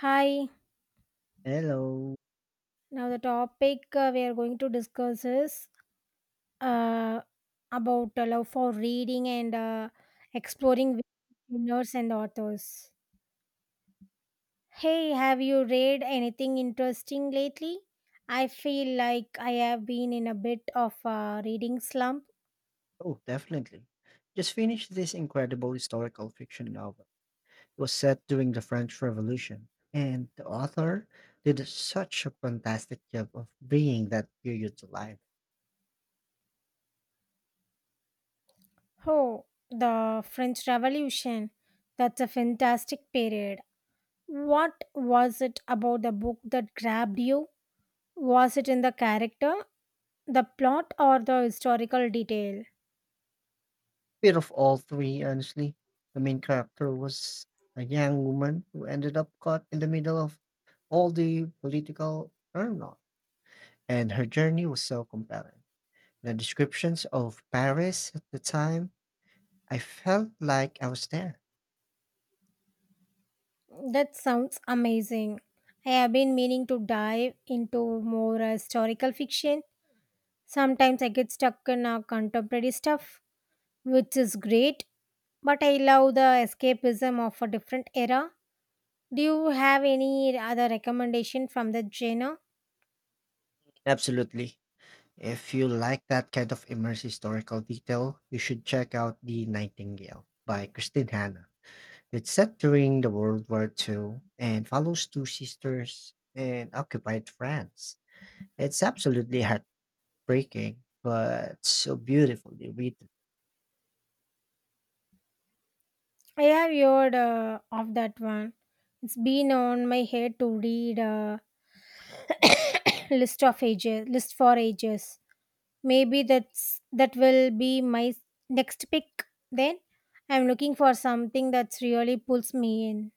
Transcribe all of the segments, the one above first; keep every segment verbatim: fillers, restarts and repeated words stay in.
Hi. Hello. Now the topic uh, we are going to discuss is uh, about uh, love for reading and uh, exploring with genres and authors. Hey, have you read anything interesting lately? I feel like I have been in a bit of a reading slump. Oh, definitely. Just finished this incredible historical fiction novel. It was set during the French Revolution, and the author did such a fantastic job of bringing that period to life. Oh, the French Revolution. That's a fantastic period. What was it about the book that grabbed you? Was it in the character, the plot, or the historical detail? Bit of all three, honestly. The main character was a young woman who ended up caught in the middle of all the political turmoil, and her journey was so compelling. The descriptions of Paris at the time, I felt like I was there. That sounds amazing. I have been meaning to dive into more uh, historical fiction. Sometimes I get stuck in uh, contemporary stuff, which is great, but I love the escapism of a different era. Do you have any other recommendation from the genre? Absolutely. If you like that kind of immersive historical detail, you should check out The Nightingale by Christine Hanna. It's set during the World War two and follows two sisters in occupied France. It's absolutely heartbreaking, but so beautifully written. I have heard uh, of that one. It's been on my head to read a list of ages, list for ages. Maybe that's that will be my s- next pick then. I'm looking for something that's really pulls me in.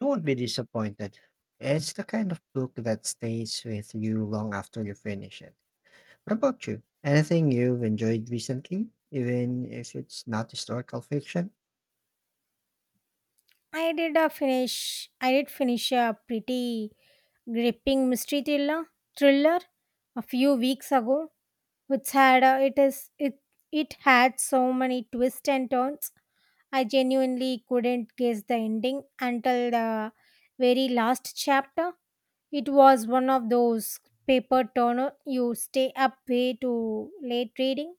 You won't be disappointed. It's the kind of book that stays with you long after you finish it. What about you? Anything you've enjoyed recently, even if it's not historical fiction? I did a finish I did finish a pretty gripping mystery thriller thriller a few weeks ago which had a, it is it it had so many twists and turns. I genuinely couldn't guess the ending until the very last chapter. It was one of those paper turner you stay up way too late reading.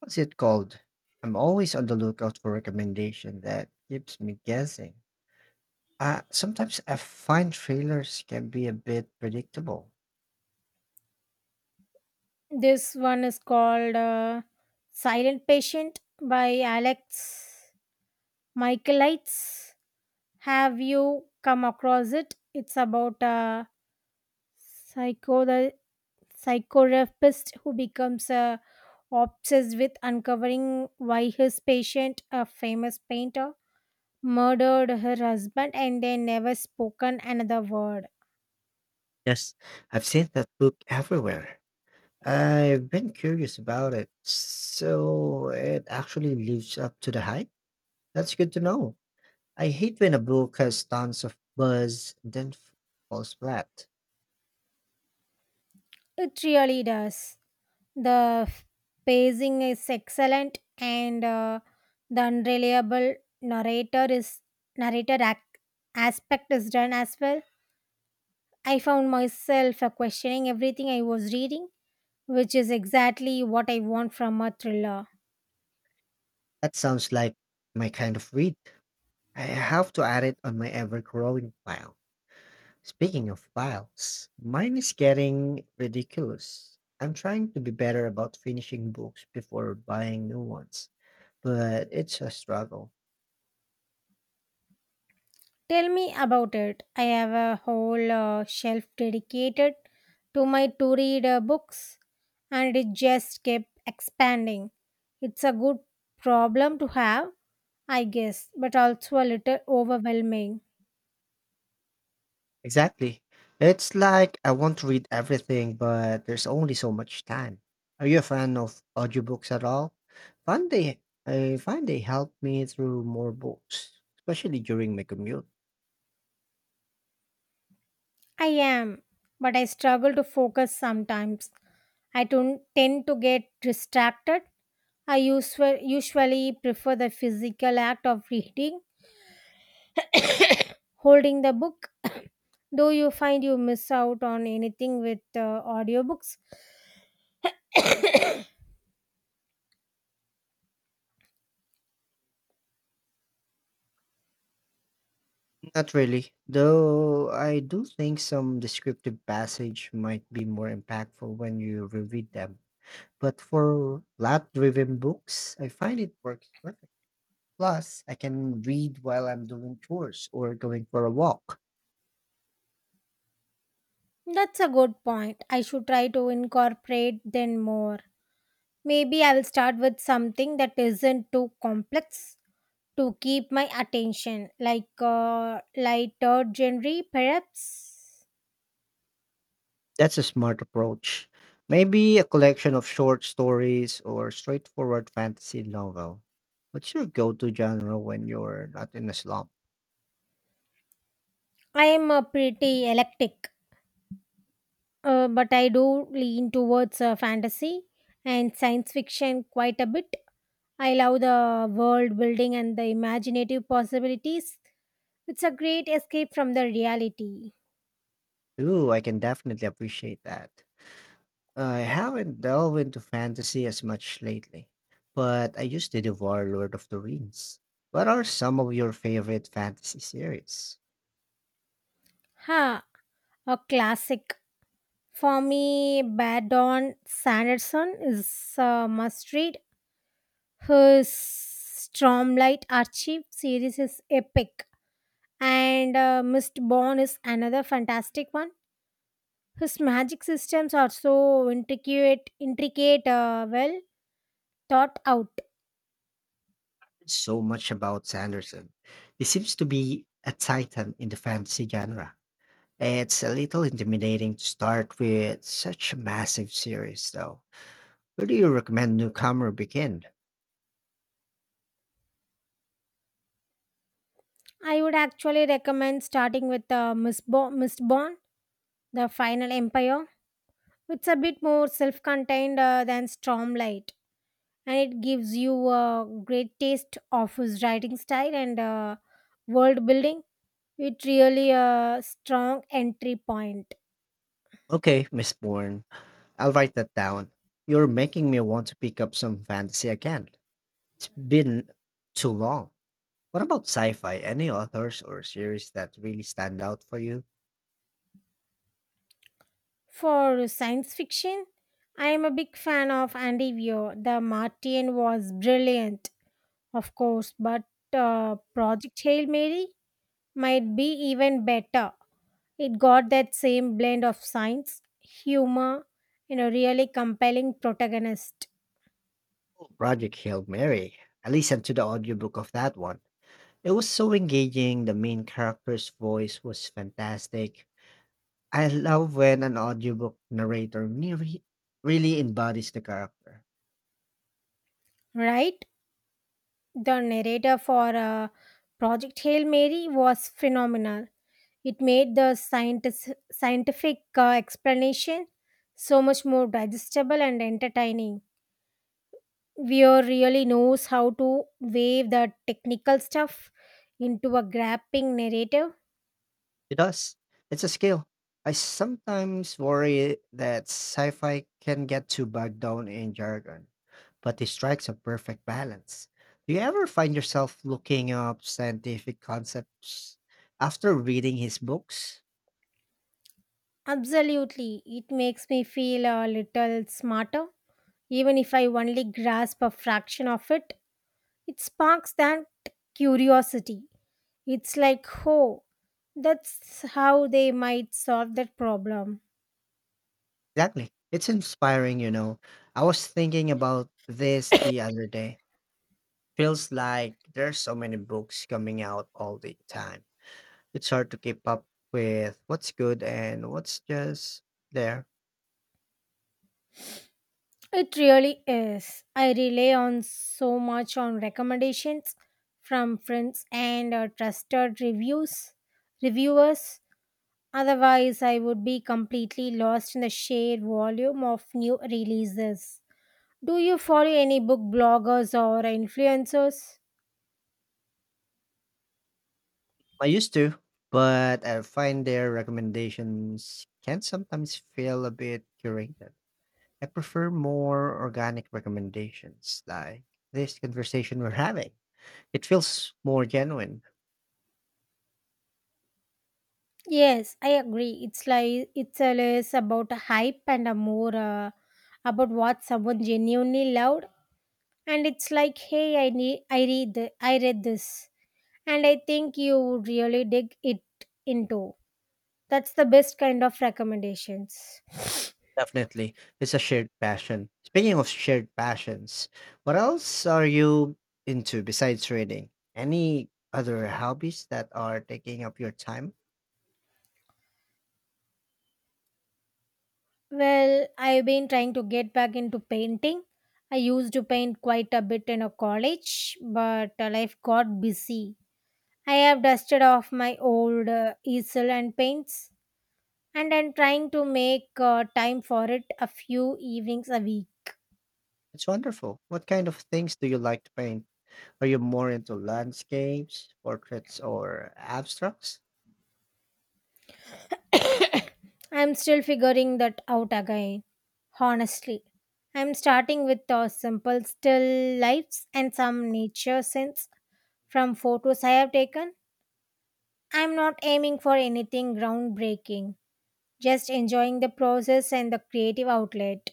What's it called? I'm always on the lookout for recommendation that keeps me guessing. Uh, sometimes I find trailers can be a bit predictable. This one is called uh, Silent Patient by Alex Michaelides. Have you come across it? It's about a psycho the psychotherapist who becomes uh, obsessed with uncovering why his patient, a famous painter, murdered her husband and they never spoken another word. Yes, I've seen that book everywhere. I've been curious about it, so it actually lives up to the hype. That's good to know. I hate when a book has tons of buzz and then falls flat. It really does. The f- pacing is excellent, and uh, the unreliable narrator is narrator ac- aspect is done as well. I found myself uh, questioning everything I was reading, which is exactly what I want from a thriller. That sounds like my kind of read. I have to add it on my ever growing pile. Speaking of piles, mine is getting ridiculous. I'm trying to be better about finishing books before buying new ones, but it's a struggle. Tell me about it. I have a whole uh, shelf dedicated to my to read uh, books, and it just kept expanding. It's a good problem to have, I guess, but also a little overwhelming. Exactly. It's like I want to read everything, but there's only so much time. Are you a fan of audiobooks at all? Find they I find they help me through more books, especially during my commute. I am, but I struggle to focus sometimes. I tun- tend to get distracted. I usu- usually prefer the physical act of reading, holding the book. Do you find you miss out on anything with uh, audiobooks? Not really, though I do think some descriptive passage might be more impactful when you reread them. But for plot driven books, I find it works perfect. Plus, I can read while I'm doing chores or going for a walk. That's a good point. I should try to incorporate then more. Maybe I'll start with something that isn't too complex to keep my attention, like uh, lighter genre, perhaps. That's a smart approach. Maybe a collection of short stories or straightforward fantasy novel. What's your go to genre when you're not in a slump? I am a pretty eclectic, uh, but I do lean towards uh, fantasy and science fiction quite a bit. I love the world building and the imaginative possibilities. It's a great escape from the reality. Ooh, I can definitely appreciate that. I haven't delved into fantasy as much lately, but I used to devour Lord of the Rings. What are some of your favorite fantasy series? Ha, a classic. For me, Bad Dawn Sanderson is a must read. His Stormlight Archive series is epic. And uh, Mistborn is another fantastic one. His magic systems are so intricate, intricate, uh, well thought out. There's so much about Sanderson. He seems to be a titan in the fantasy genre. It's a little intimidating to start with such a massive series, though. Where do you recommend newcomer begin? I would actually recommend starting with uh, Mistborn, Mistborn, The Final Empire. It's a bit more self contained uh, than Stormlight, and it gives you a great taste of his writing style and uh, world building. It really a strong entry point. Okay, Miss Bourne, I'll write that down. You're making me want to pick up some fantasy again. It's been too long. What about sci-fi? Any authors or series that really stand out for you? For science fiction, I am a big fan of Andy Weir. The Martian was brilliant, of course, but uh, Project Hail Mary might be even better. It got that same blend of science, humor, and a really compelling protagonist, Project Hail Mary. I listened to the audiobook of that one. It was so engaging. The main character's voice was fantastic. I love when an audiobook narrator ne- re- really embodies the character. right? The narrator for uh, Project Hail Mary was phenomenal. It made the scientist, scientific uh, explanation so much more digestible and entertaining. Weir really knows how to weave the technical stuff into a grapping narrative. It does. It's a skill. I sometimes worry that sci fi can get too bogged down in jargon, but it strikes a perfect balance. Do you ever find yourself looking up scientific concepts after reading his books? Absolutely, it makes me feel a little smarter. Even if I only grasp a fraction of it, it sparks that curiosity. It's like, oh, that's how they might solve that problem. Exactly. It's inspiring, you know. I was thinking about this the other day. Feels like there's so many books coming out all the time. It's hard to keep up with what's good and what's just there. It really is. I rely on so much on recommendations from friends and uh, trusted reviews reviewers. Otherwise, I would be completely lost in the sheer volume of new releases. Do you follow any book bloggers or influencers? I used to, but I find their recommendations can sometimes feel a bit curated. I prefer more organic recommendations like this conversation we're having. It feels more genuine. Yes, I agree. It's like it's a less about a hype and a more uh, about what someone genuinely loved. And it's like, hey, I need, I read, the, I read this, and I think you would really dig it into. That's the best kind of recommendations. Definitely. It's a shared passion. Speaking of shared passions, what else are you into besides reading? Any other hobbies that are taking up your time? Well, I've been trying to get back into painting. I used to paint quite a bit in a college, but uh, life got busy. I have dusted off my old uh, easel and paints and I'm trying to make uh, time for it a few evenings a week. It's wonderful. What kind of things do you like to paint? Are you more into landscapes, portraits, or abstracts? I'm still figuring that out again, honestly. I'm starting with uh, simple still lifes and some nature scenes from photos I have taken. I'm not aiming for anything groundbreaking, just enjoying the process and the creative outlet.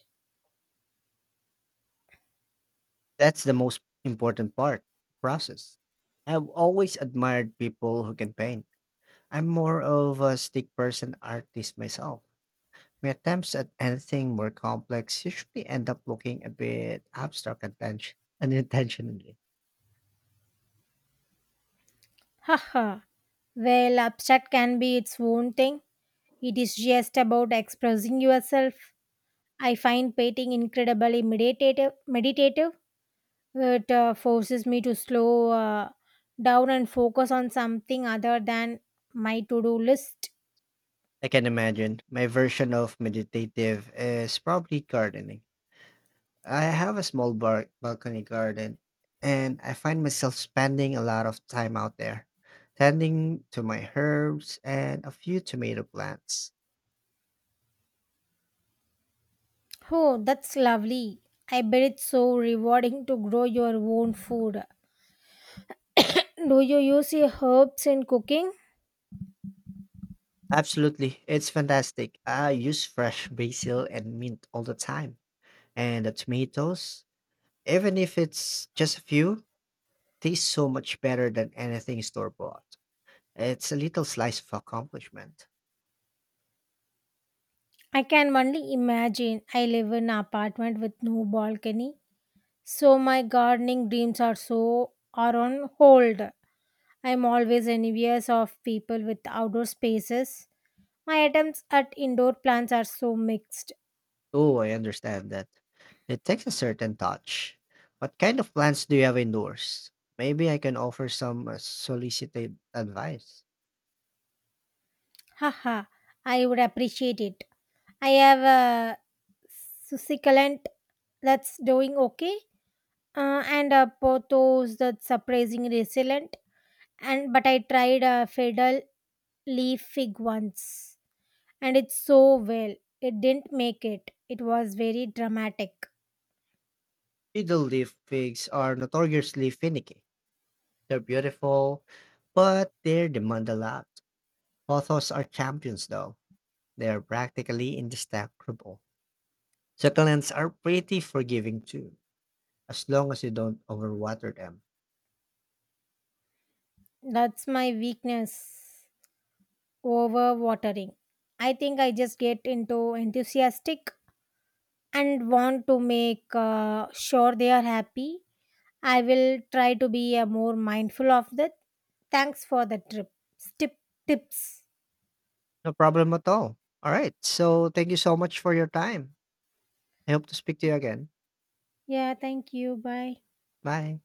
That's the most important part, process. I've always admired people who can paint. I'm more of a stick person artist myself. My attempts at anything more complex usually end up looking a bit abstract and tense- unintentionally. Haha. Well, abstract can be its own thing. It is just about expressing yourself. I find painting incredibly meditative. Meditative, It uh, forces me to slow uh, down and focus on something other than my to-do list. I can imagine my version of meditative is probably gardening. I have a small bar- balcony garden, and I find myself spending a lot of time out there, tending to my herbs and a few tomato plants. Oh, that's lovely! I bet it's so rewarding to grow your own food. Do you use your herbs in cooking? Absolutely, it's fantastic. I use fresh basil and mint all the time, and the tomatoes, even if it's just a few, taste so much better than anything store bought. It's a little slice of accomplishment. I can only imagine. I live in an apartment with no balcony, so my gardening dreams are so are on hold. I'm always envious of people with outdoor spaces. My attempts at indoor plants are so mixed. Oh, I understand that. It takes a certain touch. What kind of plans do you have indoors? Maybe I can offer some uh, solicited advice. Haha, I would appreciate it. I have a succulent that's doing okay, uh, and a pothos that's surprisingly resilient. And but I tried a fiddle leaf fig once, and it's so well. It didn't make it. It was very dramatic. Fiddle leaf figs are notoriously finicky. They're beautiful, but they demand a lot. Authors are champions, though. They are practically indestructible. Succulents are pretty forgiving, too, as long as you don't overwater them. That's my weakness. Over watering. I think I just get into enthusiastic and want to make uh, sure they are happy. I will try to be uh, more mindful of that. Thanks for the trip. Tip, tips. No problem at all. All right. So, thank you so much for your time. I hope to speak to you again. Yeah, thank you. Bye. Bye.